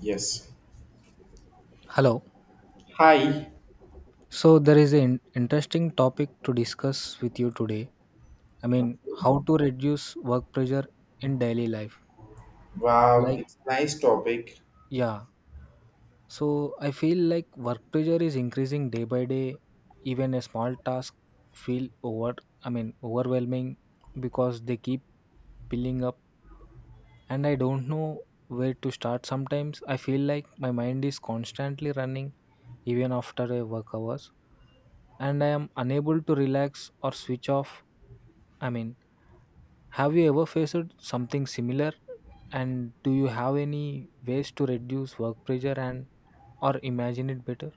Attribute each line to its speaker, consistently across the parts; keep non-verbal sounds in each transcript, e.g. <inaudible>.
Speaker 1: Yes.
Speaker 2: Hello.
Speaker 1: Hi.
Speaker 2: So there is an interesting topic to discuss with you today.
Speaker 1: Okay.
Speaker 2: How to reduce work pressure in daily life.
Speaker 1: Wow,
Speaker 2: Like,
Speaker 1: it's a nice topic.
Speaker 2: yeah. So I feel like work pressure is increasing day by day. Even a small task feel overwhelming because they keep piling up and I don't know where to start sometimes. I feel like my mind is constantly running even after a work hours and I am unable to relax or switch off. I mean, have you ever faced something similar and do you have any ways to reduce work pressure and or imagine it better?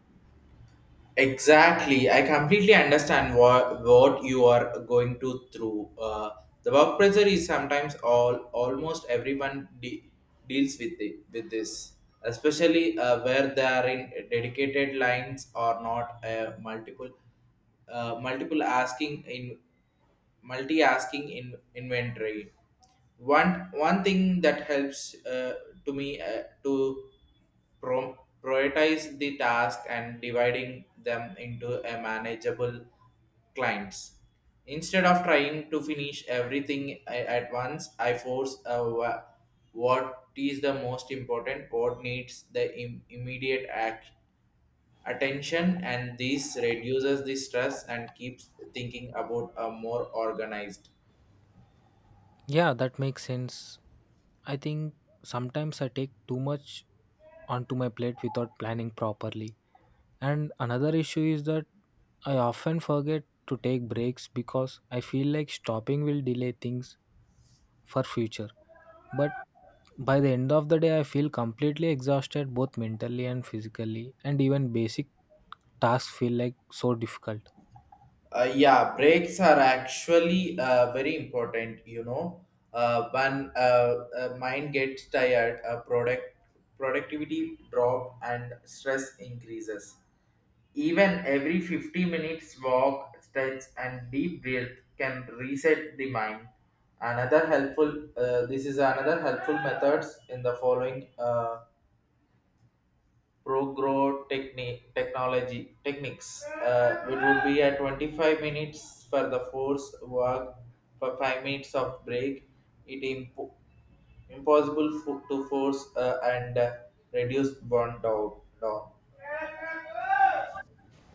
Speaker 1: Exactly. I completely understand what you are going to through. The work pressure is sometimes all almost everyone deals with it, with this, especially where they are in dedicated lines or not multiple asking in multi-asking in inventory. One thing that helps to me to prioritize the task and dividing them into a manageable clients. Instead of trying to finish everything at once, I force a what is the most important, what needs the immediate act attention, and this reduces the stress and keeps thinking about a more organized
Speaker 2: Yeah, that makes sense. I think sometimes I take too much onto my plate without planning properly. And another issue is that I often forget to take breaks because I feel like stopping will delay things for future. But by the end of the day, I feel completely exhausted both mentally and physically, and even basic tasks feel like so difficult.
Speaker 1: yeah, breaks are actually very important. When Mind gets tired, productivity drop and stress increases. Even every 50 minutes walk, stretch and deep breath can reset the mind. Another helpful uh, this is another helpful methods in the following technology techniques. It would be at 25 minutes for the force work, for 5 minutes of break. It impossible to force and reduce burn down.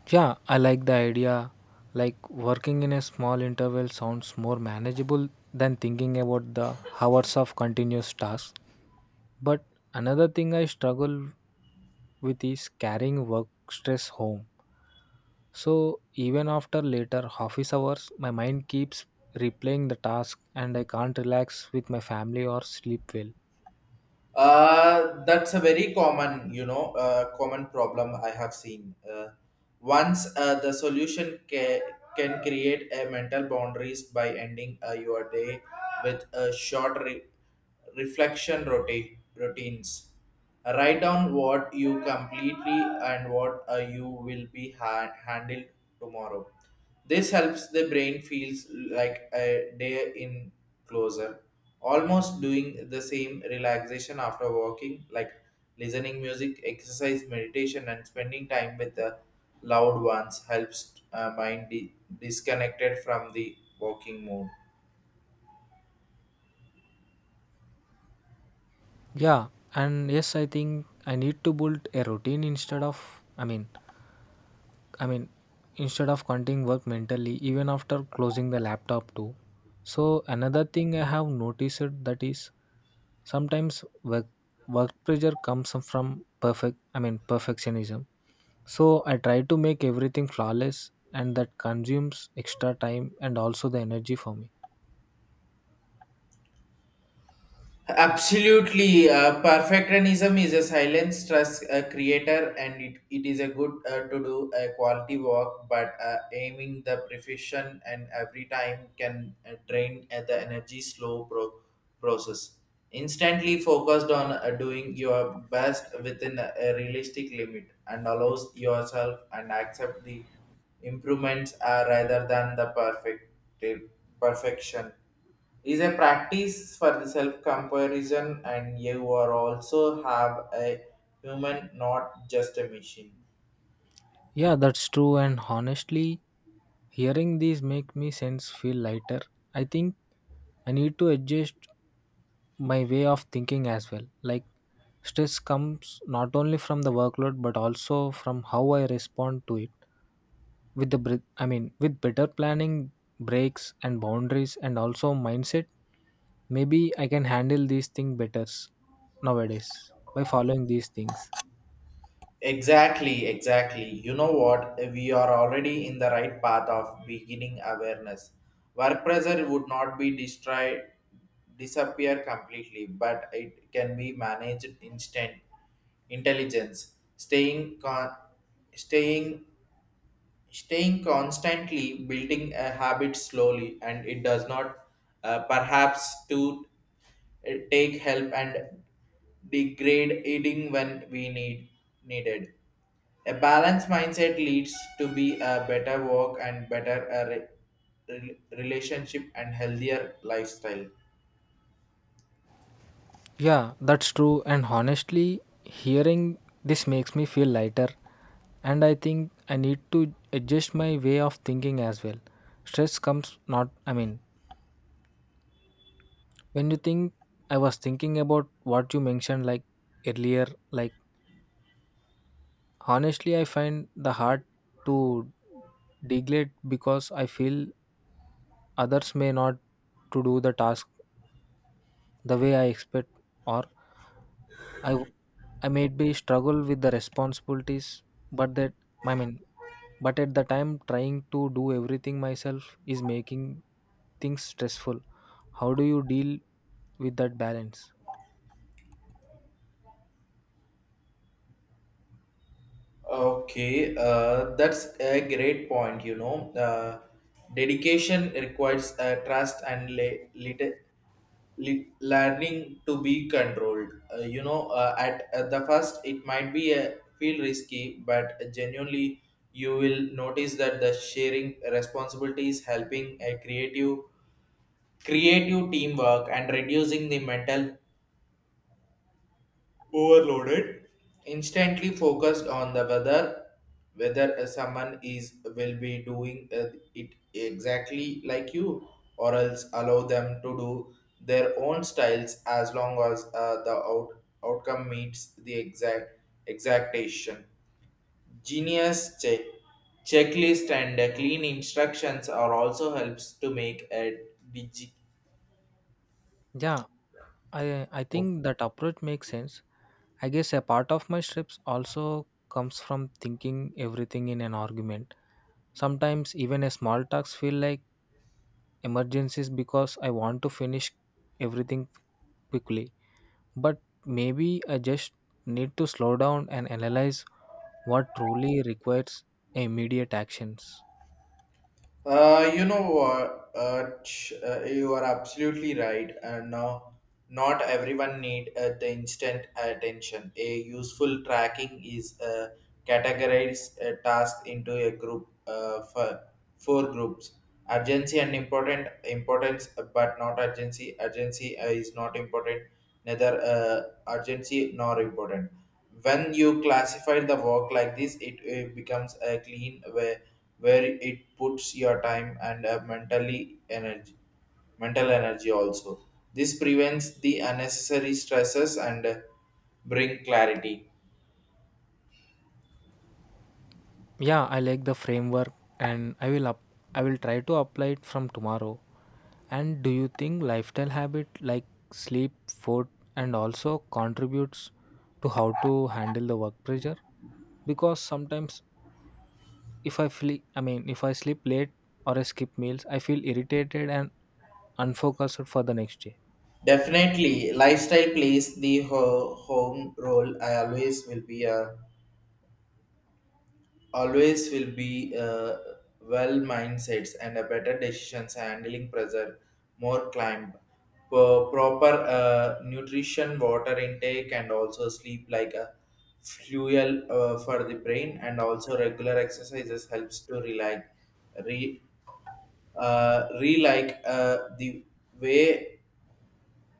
Speaker 2: Yeah, I like the idea. Like working in a small interval sounds more manageable than thinking about the hours of continuous tasks. But another thing I struggle with is carrying work stress home. So even after later office hours, my mind keeps replaying the task and I can't relax with my family or sleep well.
Speaker 1: That's a very common problem I have seen. Once the solution can create a mental boundaries by ending your day with a short reflection routines. Write down what you completely and what you will be handled tomorrow. This helps the brain feels like a day in closer, almost doing the same relaxation after walking, like listening music, exercise, meditation, and spending time with the loved ones helps mind disconnected from the walking mode.
Speaker 2: Yeah, and yes, I think I need to build a routine instead of, I mean, instead of continuing work mentally, even after closing the laptop too. So another thing I have noticed that is sometimes work pressure comes from perfectionism. So I try to make everything flawless and that consumes extra time and also the energy for me.
Speaker 1: Absolutely. Perfectionism is a silent stress creator, and it is a good to do a quality work, but aiming the perfection and every time can drain at the energy slow process. Instantly focused on doing your best within a realistic limit and allows yourself and accept the improvements rather than the perfection. Is a practice for the self comparison, and you are also have a human, not just a machine.
Speaker 2: Yeah, that's true and honestly hearing these make me sense feel lighter. I think I need to adjust my way of thinking as well. Like stress comes not only from the workload but also from how I respond to it. With the with better planning, breaks and boundaries and also mindset, maybe I can handle these things better nowadays by following these things.
Speaker 1: Exactly, you know what, we are already in the right path of beginning awareness. Work pressure would not be destroyed disappear completely, but it can be managed instant intelligence staying staying constantly building a habit slowly, and it does not perhaps to take help and degrade eating when we needed. A balanced mindset leads to be a better work and better relationship and healthier lifestyle.
Speaker 2: Yeah, that's true and honestly hearing this makes me feel lighter and I think I need to adjust my way of thinking as well. Stress comes not I mean When you think, I was thinking about what you mentioned like earlier. Like honestly, I find the hard to degrade because I feel others may not to do the task the way I expect, or I I may be struggle with the responsibilities. But that I mean, But at the time, trying to do everything myself is making things stressful. How do you deal with that balance?
Speaker 1: Okay, that's a great point. You know, dedication requires trust and learning to be controlled. You know, at the first it might be a feel risky, but genuinely you will notice that the sharing responsibilities helping a creative teamwork and reducing the mental overloaded. Instantly focused on the weather whether someone is will be doing it exactly like you, or else allow them to do their own styles as long as outcome meets the exactation genius checklist, and clean instructions are also helps to make a digi.
Speaker 2: Yeah, I think that approach makes sense. I guess a part of my strips also comes from thinking everything in an argument. Sometimes even a small talks feel like emergencies because I want to finish everything quickly. But maybe I just need to slow down and analyze what truly requires immediate actions.
Speaker 1: You know what? You are absolutely right. And no, not everyone need the instant attention. A useful tracking is categorize a task into a group for four groups. Urgency and important importance, but not urgency. Urgency is not important. Neither urgency nor important. When you classify the work like this, it becomes a clean way where it puts your time and mental energy also. This prevents the unnecessary stresses and bring clarity.
Speaker 2: Yeah, I like the framework and I will try to apply it from tomorrow. And do you think lifestyle habit like sleep, food and also contributes to how to handle the work pressure? Because sometimes if I feel I mean if I sleep late or I skip meals, I feel irritated and unfocused for the next day.
Speaker 1: Definitely lifestyle plays the home role. I always will be a Always will be well mindsets and a better decisions handling pressure more climb. Proper nutrition, water intake, and also sleep like a fuel for the brain, and also regular exercises helps to relax re re like the way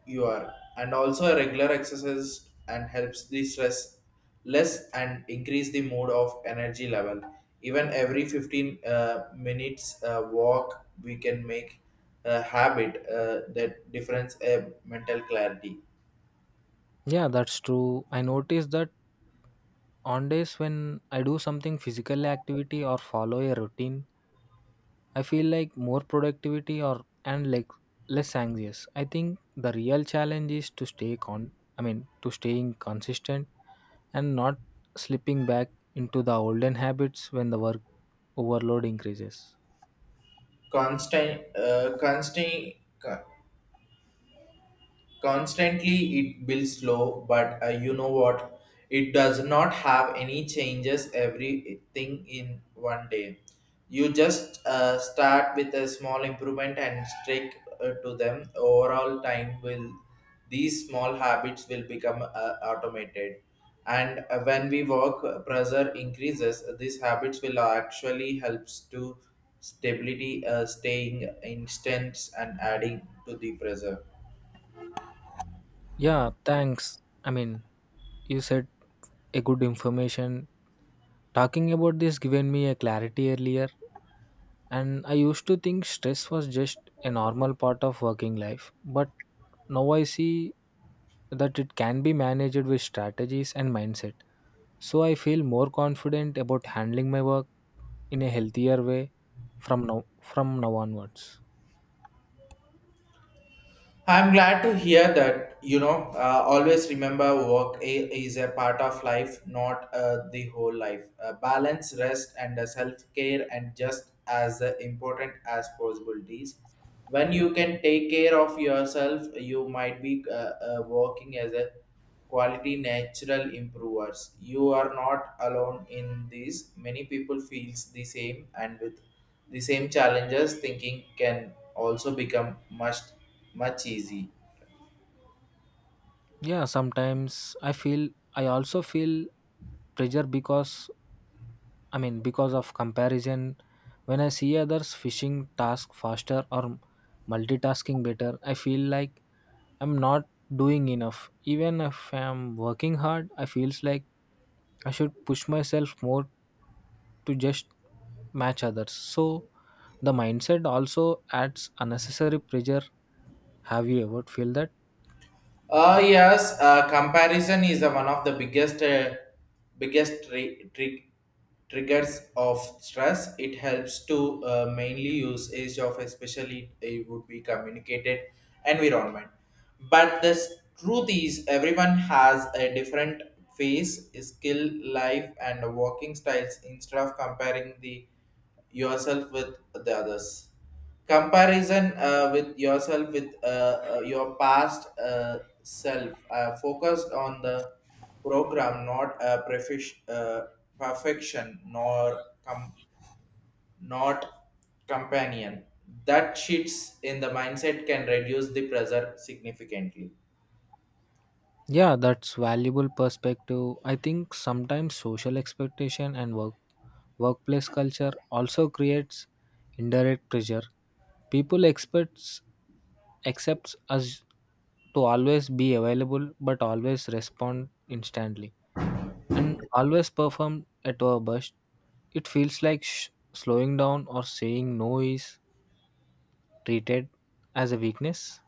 Speaker 1: you are, and also a regular exercise and helps the stress less and increase the mood of energy level. Even every 15 minutes walk, we can make a habit that difference a mental clarity.
Speaker 2: Yeah, that's true. I noticed that on days when I do something physical activity or follow a routine I feel like more productivity or and like less anxious. I think the real challenge is to stay con I mean to staying consistent and not slipping back into the olden habits when the work overload increases.
Speaker 1: constant uh, constant Constantly it builds slow, but you know what, it does not have any changes everything in one day. You just start with a small improvement and stick to them. Overall time will, these small habits will become automated, and when we work pressure increases, these habits will actually helps to stability staying instance and adding to the pressure.
Speaker 2: Yeah, thanks. I mean, you said a good information. Talking about this given me a clarity earlier. And I used to think stress was just a normal part of working life, but now I see that it can be managed with strategies and mindset. So I feel more confident about handling my work in a healthier way from now onwards.
Speaker 1: I'm glad to hear that. You know, always remember work is a part of life, not the whole life. Balance, rest, and self care, and just as important as possibilities. When you can take care of yourself, you might be working as a quality natural improvers. You are not alone in this. Many people feels the same, and with the same challenges, thinking can also become much much easy.
Speaker 2: Yeah, sometimes I also feel pressure because of comparison when I see others finishing task faster or multitasking better, I feel like I'm not doing enough. Even if I'm working hard, I feels like I should push myself more to just match others. So the mindset also adds unnecessary pressure. Have you ever feel that?
Speaker 1: Yes, comparison is the one of the biggest triggers of stress. It helps to mainly use age of, especially it would be communicated environment. But the truth is, everyone has a different face, skill, life, and working styles. Instead of comparing the yourself with the others, comparison with yourself with your past self focused on the program, not perfection, nor com- not companion. That shifts in the mindset can reduce the pressure significantly.
Speaker 2: Yeah, that's valuable perspective. I think sometimes social expectation and workplace culture also creates indirect pressure. People expects accepts us to always be available but always respond instantly and always perform at our best. It feels like slowing down or saying no is treated as a weakness.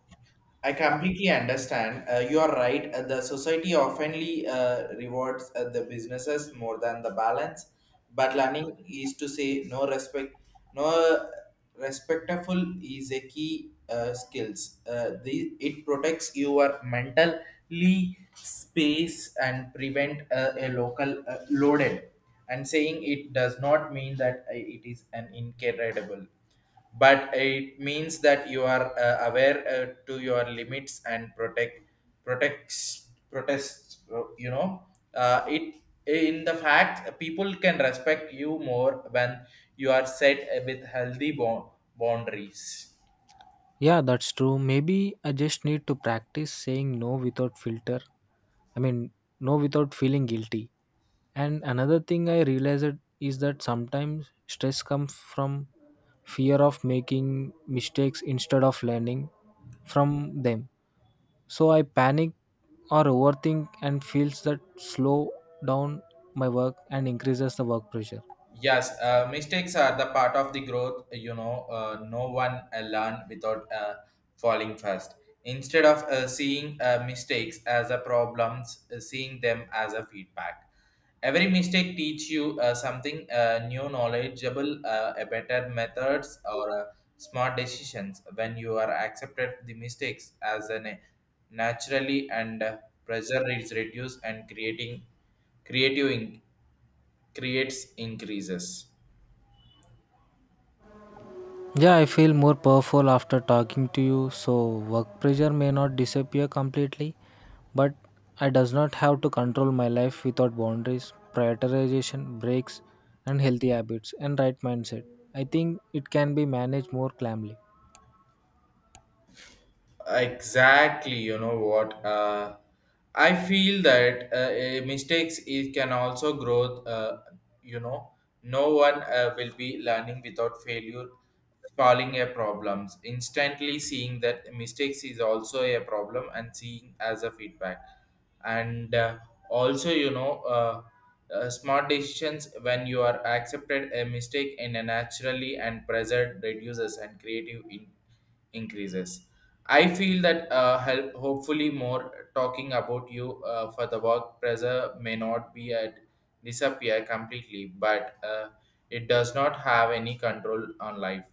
Speaker 1: I completely understand. You are right. The society oftenly rewards the businesses more than the balance, but learning is to say no respectful is a key skills. It protects your mentally space and prevent a local loaded. And saying it does not mean that it is an incredible, but it means that you are aware to your limits and protect protects protests it, in the fact people can respect you more when you are set with healthy boundaries.
Speaker 2: Yeah, that's true. Maybe I just need to practice saying no without filter I mean no without feeling guilty. And another thing I realized is that sometimes stress comes from fear of making mistakes instead of learning from them. So I panic or overthink and feels that slow down my work and increases the work pressure.
Speaker 1: Yes, mistakes are the part of the growth. You know, no one learn without falling first. Instead of seeing mistakes as a problems, seeing them as a feedback. Every mistake teach you something new, knowledgeable, a better methods or smart decisions. When you are accepted the mistakes as a naturally, and pressure is reduced and creative in- creates increases.
Speaker 2: Yeah, I feel more powerful after talking to you. So work pressure may not disappear completely, but I does not have to control my life without boundaries, prioritization, breaks, and healthy habits and right mindset. I think it can be managed more calmly.
Speaker 1: Exactly, you know what, I feel that a mistakes it can also grow you know no one will be learning without failure. Solving a problems instantly, seeing that mistakes is also a problem and seeing as a feedback, and also you know smart decisions. When you are accepted a mistake in a naturally, and present reduces and creative in increases. I feel that hopefully more talking about you for the work pressure may not be at disappear completely, but it does not have any control on life.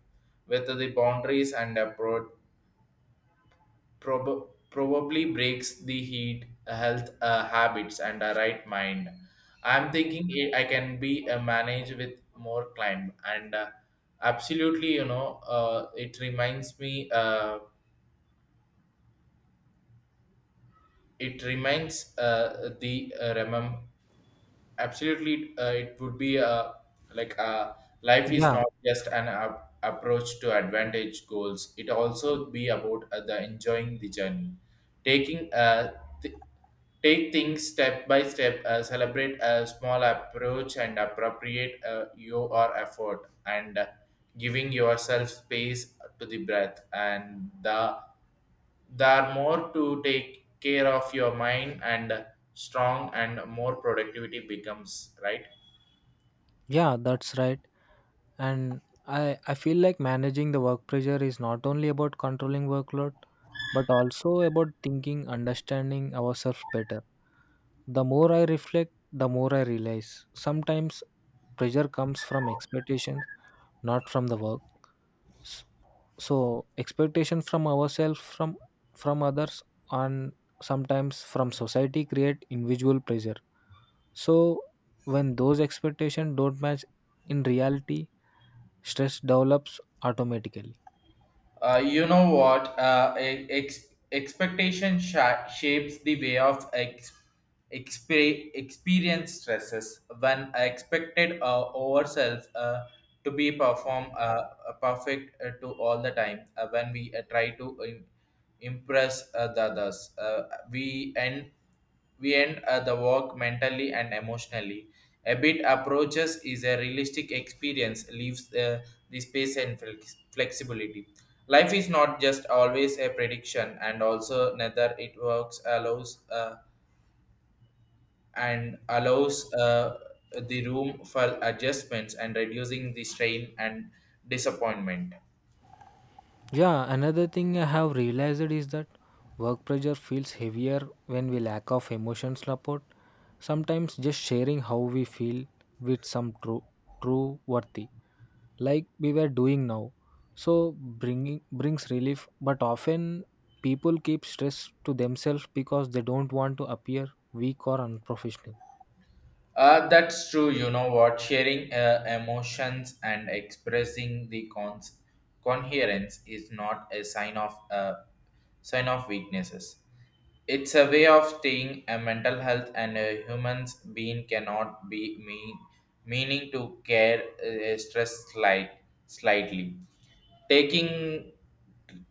Speaker 1: Whether the boundaries and probably breaks the health habits, and a right mind. I'm thinking I can be managed with more climb, and absolutely, it reminds me. It reminds the remem Absolutely, it would be like life is
Speaker 2: Yeah,
Speaker 1: not just an approach to advantage goals, it also be about the enjoying the journey. taking uh, th- Take things step by step, celebrate a small approach and appropriate your effort, and giving yourself space to the breath, and there are more to take care of your mind, and strong and more productivity becomes right.
Speaker 2: yeah, that's right. And I feel like managing the work pressure is not only about controlling workload, but also about thinking, understanding ourselves better. The more I reflect, the more I realize sometimes pressure comes from expectations, not from the work. S- So expectations from ourselves, from others, and sometimes from society create individual pressure. So when those expectations don't match in reality, stress develops automatically.
Speaker 1: You know what? Expectation shapes the way of experience stresses. When I expected ourselves to be perform perfect to all the time, when we try to impress the others, we end. we end the work mentally and emotionally. A bit approaches is a realistic experience, leaves the space and flexibility. Life is not just always a prediction, and also neither it works allows the room for adjustments and reducing the strain and disappointment.
Speaker 2: Yeah, another thing I have realized is that work pressure feels heavier when we lack of emotional support. Sometimes just sharing how we feel with some true worthy, like we were doing now, so bringing brings relief. But often people keep stress to themselves because they don't want to appear weak or unprofessional.
Speaker 1: That's true. You know what? Sharing emotions and expressing the coherence is not a sign of weaknesses. It's a way of staying a mental health, and a human's being cannot be meaning to care stress slightly. Taking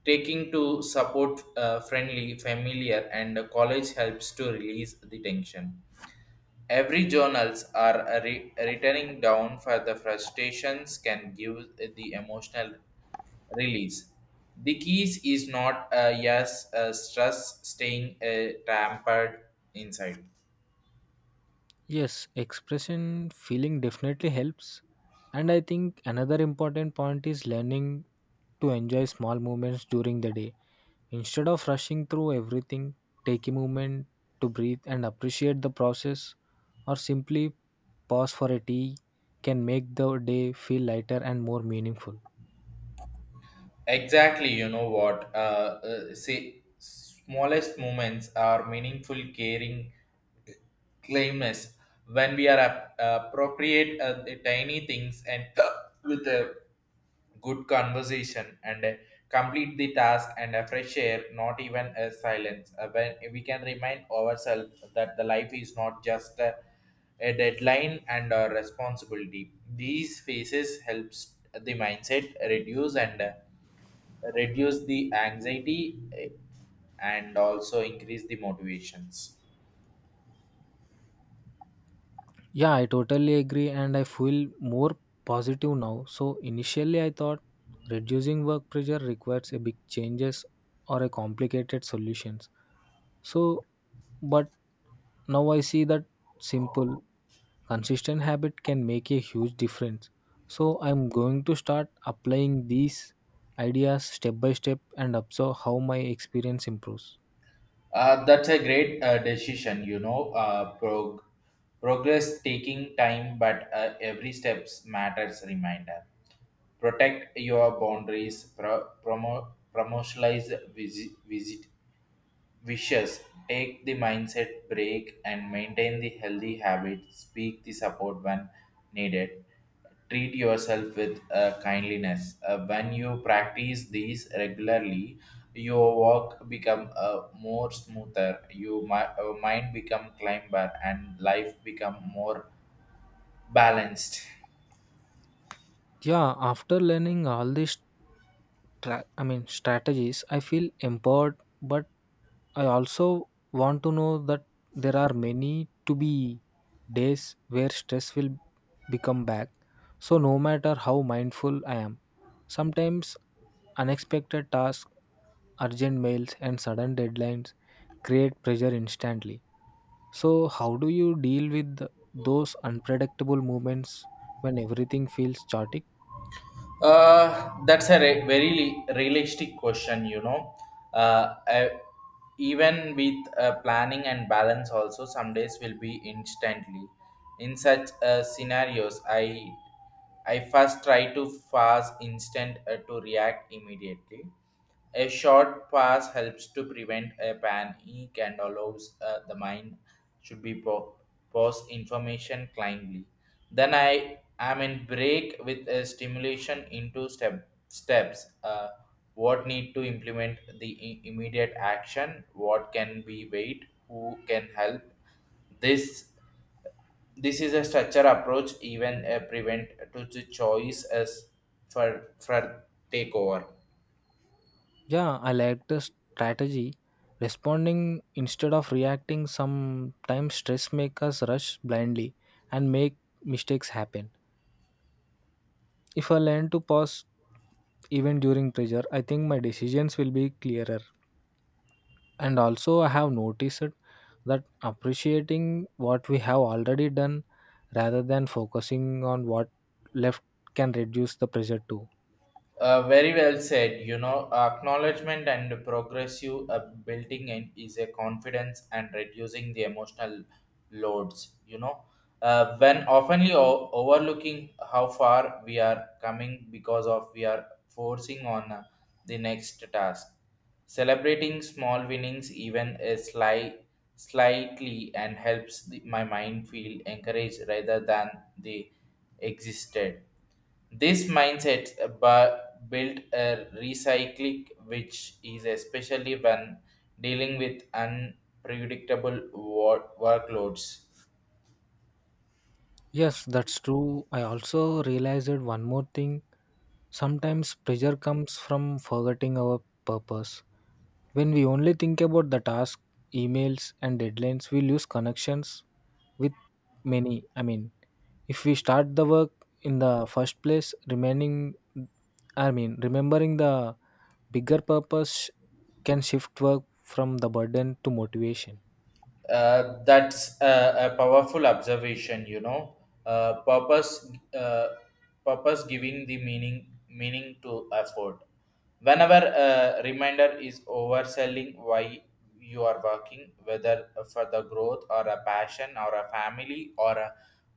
Speaker 1: taking to support friendly, familiar, and college helps to release the tension. Every journals are a returning down for the frustrations can give the emotional release. The keys is not a yes a stress staying tampered inside.
Speaker 2: Yes, expression feeling definitely helps. And I think another important point is learning to enjoy small moments during the day. Instead of rushing through everything, take a moment to breathe and appreciate the process, or simply pause for a tea can make the day feel lighter and more meaningful.
Speaker 1: Exactly, you know what? Say smallest moments are meaningful, caring, claimness when we are appropriate the tiny things and <coughs> <clears throat> with a good conversation and complete the task and a fresh air not even a silence. When we can remind ourselves that the life is not just a deadline and a responsibility, these phases helps the mindset reduce and reduce the anxiety, and also increase the motivations.
Speaker 2: Yeah, I totally agree, and I feel more positive now. So, initially, I thought reducing work pressure requires a big changes or a complicated solutions. So, but now I see that simple, consistent habit can make a huge difference. So, I'm going to start applying these ideas step by step and observe how my experience improves.
Speaker 1: That's a great decision, you know. Progress taking time, but every steps matters. Reminder: protect your boundaries. Promotionalize visit. Wishes take the mindset break and maintain the healthy habit. Speak the support when needed. Treat yourself with kindliness. When you practice these regularly, your work become more smoother. Your mind become climber and life become more balanced.
Speaker 2: Yeah, after learning all these strategies, I feel empowered but I also want to know that there are many to be days where stress will become back. So no matter how mindful I am, sometimes unexpected tasks, urgent mails and sudden deadlines create pressure instantly. So how do you deal with those unpredictable moments when everything feels chaotic?
Speaker 1: That's a very realistic question, you know. Uh, uh, Even with planning and balance, also some days will be instantly. In such scenarios, I first try to fast instant to react immediately. A short pass helps to prevent a panic and allows the mind should be post information kindly. Then I am in break with a stimulation into steps. What need to implement the immediate action? What can be wait? Who can help? This this is a structure approach even prevent to the choice as for for takeover.
Speaker 2: Yeah, I like the strategy. Responding instead of reacting sometimes stress make us rush blindly and make mistakes happen. If I learn to pause even during pressure, I think my decisions will be clearer. And also I have noticed that appreciating what we have already done rather than focusing on what left can reduce the pressure too.
Speaker 1: Very well said. You know, acknowledgement and progressive building in is a confidence and reducing the emotional loads. You know, when oftenly overlooking how far we are coming because of we are forcing on the next task, celebrating small winnings, even a slightly, and helps the, my mind feel encouraged rather than the existed. This mindset built a recycling, which is especially when dealing with unpredictable workloads.
Speaker 2: Yes, that's true. I also realized one more thing. Sometimes pressure comes from forgetting our purpose. When we only think about the task, emails, and deadlines, we lose connections with many. If we start the work in the first place, remembering the bigger purpose can shift work from the burden to motivation.
Speaker 1: That's a powerful observation, you know. Uh, purpose, uh, Purpose giving the meaning to effort. Whenever a reminder is overselling why you are working, whether for the growth or a passion or a family or a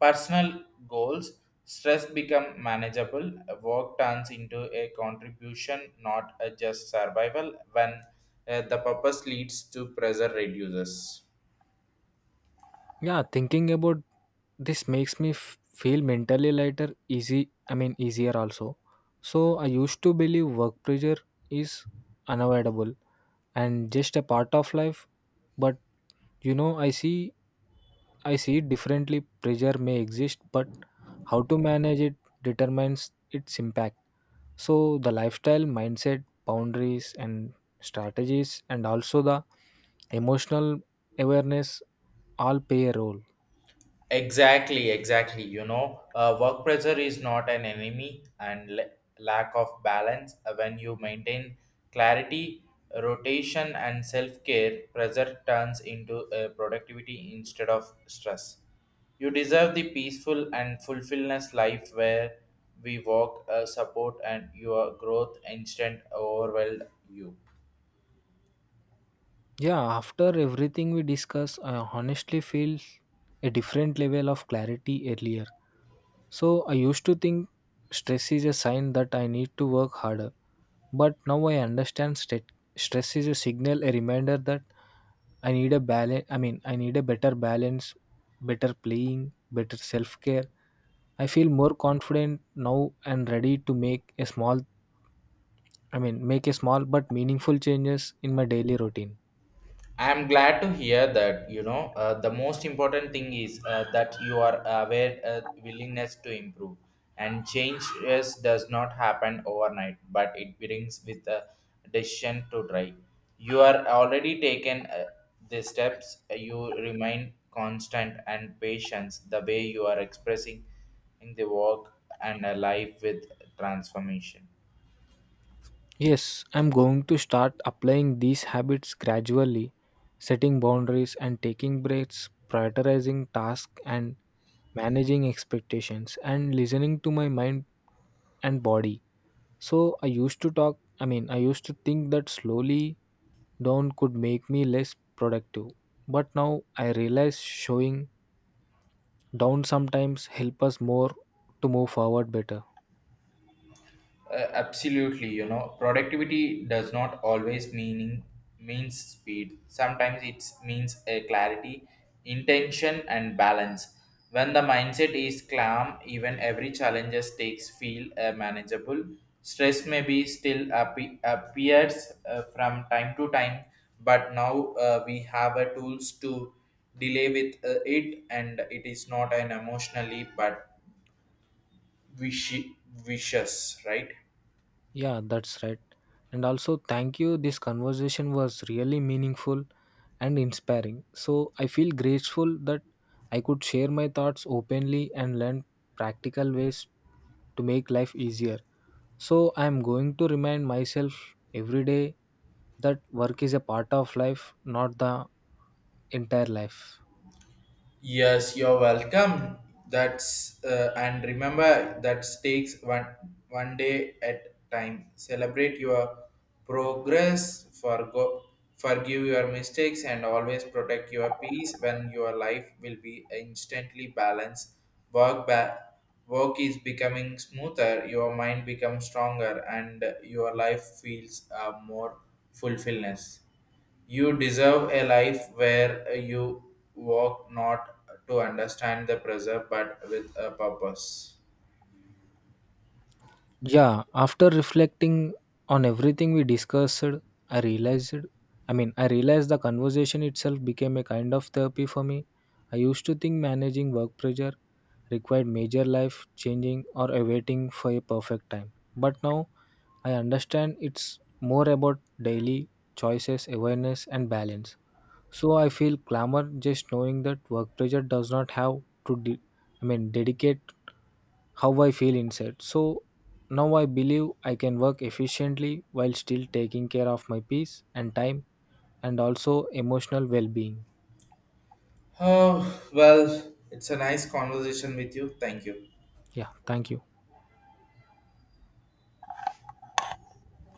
Speaker 1: personal goals, stress become manageable. Work turns into a contribution, not a just survival when the purpose leads to pressure reduces.
Speaker 2: Yeah, thinking about this makes me feel mentally lighter, easier also. So, I used to believe work pressure is unavoidable and just a part of life, but you know, I see it differently. Pressure may exist, but how to manage it determines its impact. So, the lifestyle, mindset, boundaries, and strategies, and also the emotional awareness all play a role.
Speaker 1: Exactly, exactly. You know, work pressure is not an enemy, and lack of balance. When you maintain clarity, rotation, and self care, pressure turns into productivity instead of stress. You deserve the peaceful and fulfillment life where we walk, support, and your growth instant overwhelm you.
Speaker 2: Yeah, after everything we discuss, I honestly feel a different level of clarity earlier. So I used to think stress is a sign that I need to work harder, but now I understand stress is a signal, a reminder that I need a better balance, better playing, better self-care. I feel more confident now and ready to make a small but meaningful changes in my daily routine.
Speaker 1: I'm glad to hear that. You know, the most important thing is that you are aware willingness to improve and change. Yes, does not happen overnight, but it brings with a decision to try. You are already taken the steps. You remain constant and patience. The way you are expressing in the work and a life with transformation.
Speaker 2: Yes, I'm going to start applying these habits gradually, setting boundaries and taking breaks, prioritizing tasks and managing expectations and listening to my mind and body. So I used to think that slowly down could make me less productive. But now I realize showing down sometimes help us more to move forward better.
Speaker 1: Absolutely, you know, productivity does not always meaning means speed. Sometimes it means a clarity, intention, and balance. When the mindset is calm, even every challenges takes feel manageable. Stress may be still appears from time to time, but now we have a tools to delay with it, and it is not an emotionally but wishy- vicious, right?
Speaker 2: Yeah, that's right. And also, thank you. This conversation was really meaningful and inspiring. So, I feel grateful that I could share my thoughts openly and learn practical ways to make life easier. So, I am going to remind myself every day that work is a part of life, not the entire life.
Speaker 1: Yes, you're welcome. That's and remember that takes one day at time. Celebrate your progress, forgive your mistakes, and always protect your peace. When your life will be instantly balanced, work ba- work is becoming smoother. Your mind becomes stronger, and your life feels more fulfillment. You deserve a life where you walk not to understand the pressure but with a purpose. <sighs>
Speaker 2: Yeah, after reflecting on everything we discussed, I realized, I realized the conversation itself became a kind of therapy for me. I used to think managing work pressure required major life changing or a waiting for a perfect time. But now I understand it's more about daily choices, awareness, and balance. So I feel clamor just knowing that work pressure does not have to, dedicate how I feel inside. So now I believe I can work efficiently while still taking care of my peace and time and also emotional well being.
Speaker 1: Oh, well, it's a nice conversation with you. Thank you.
Speaker 2: Yeah, thank you.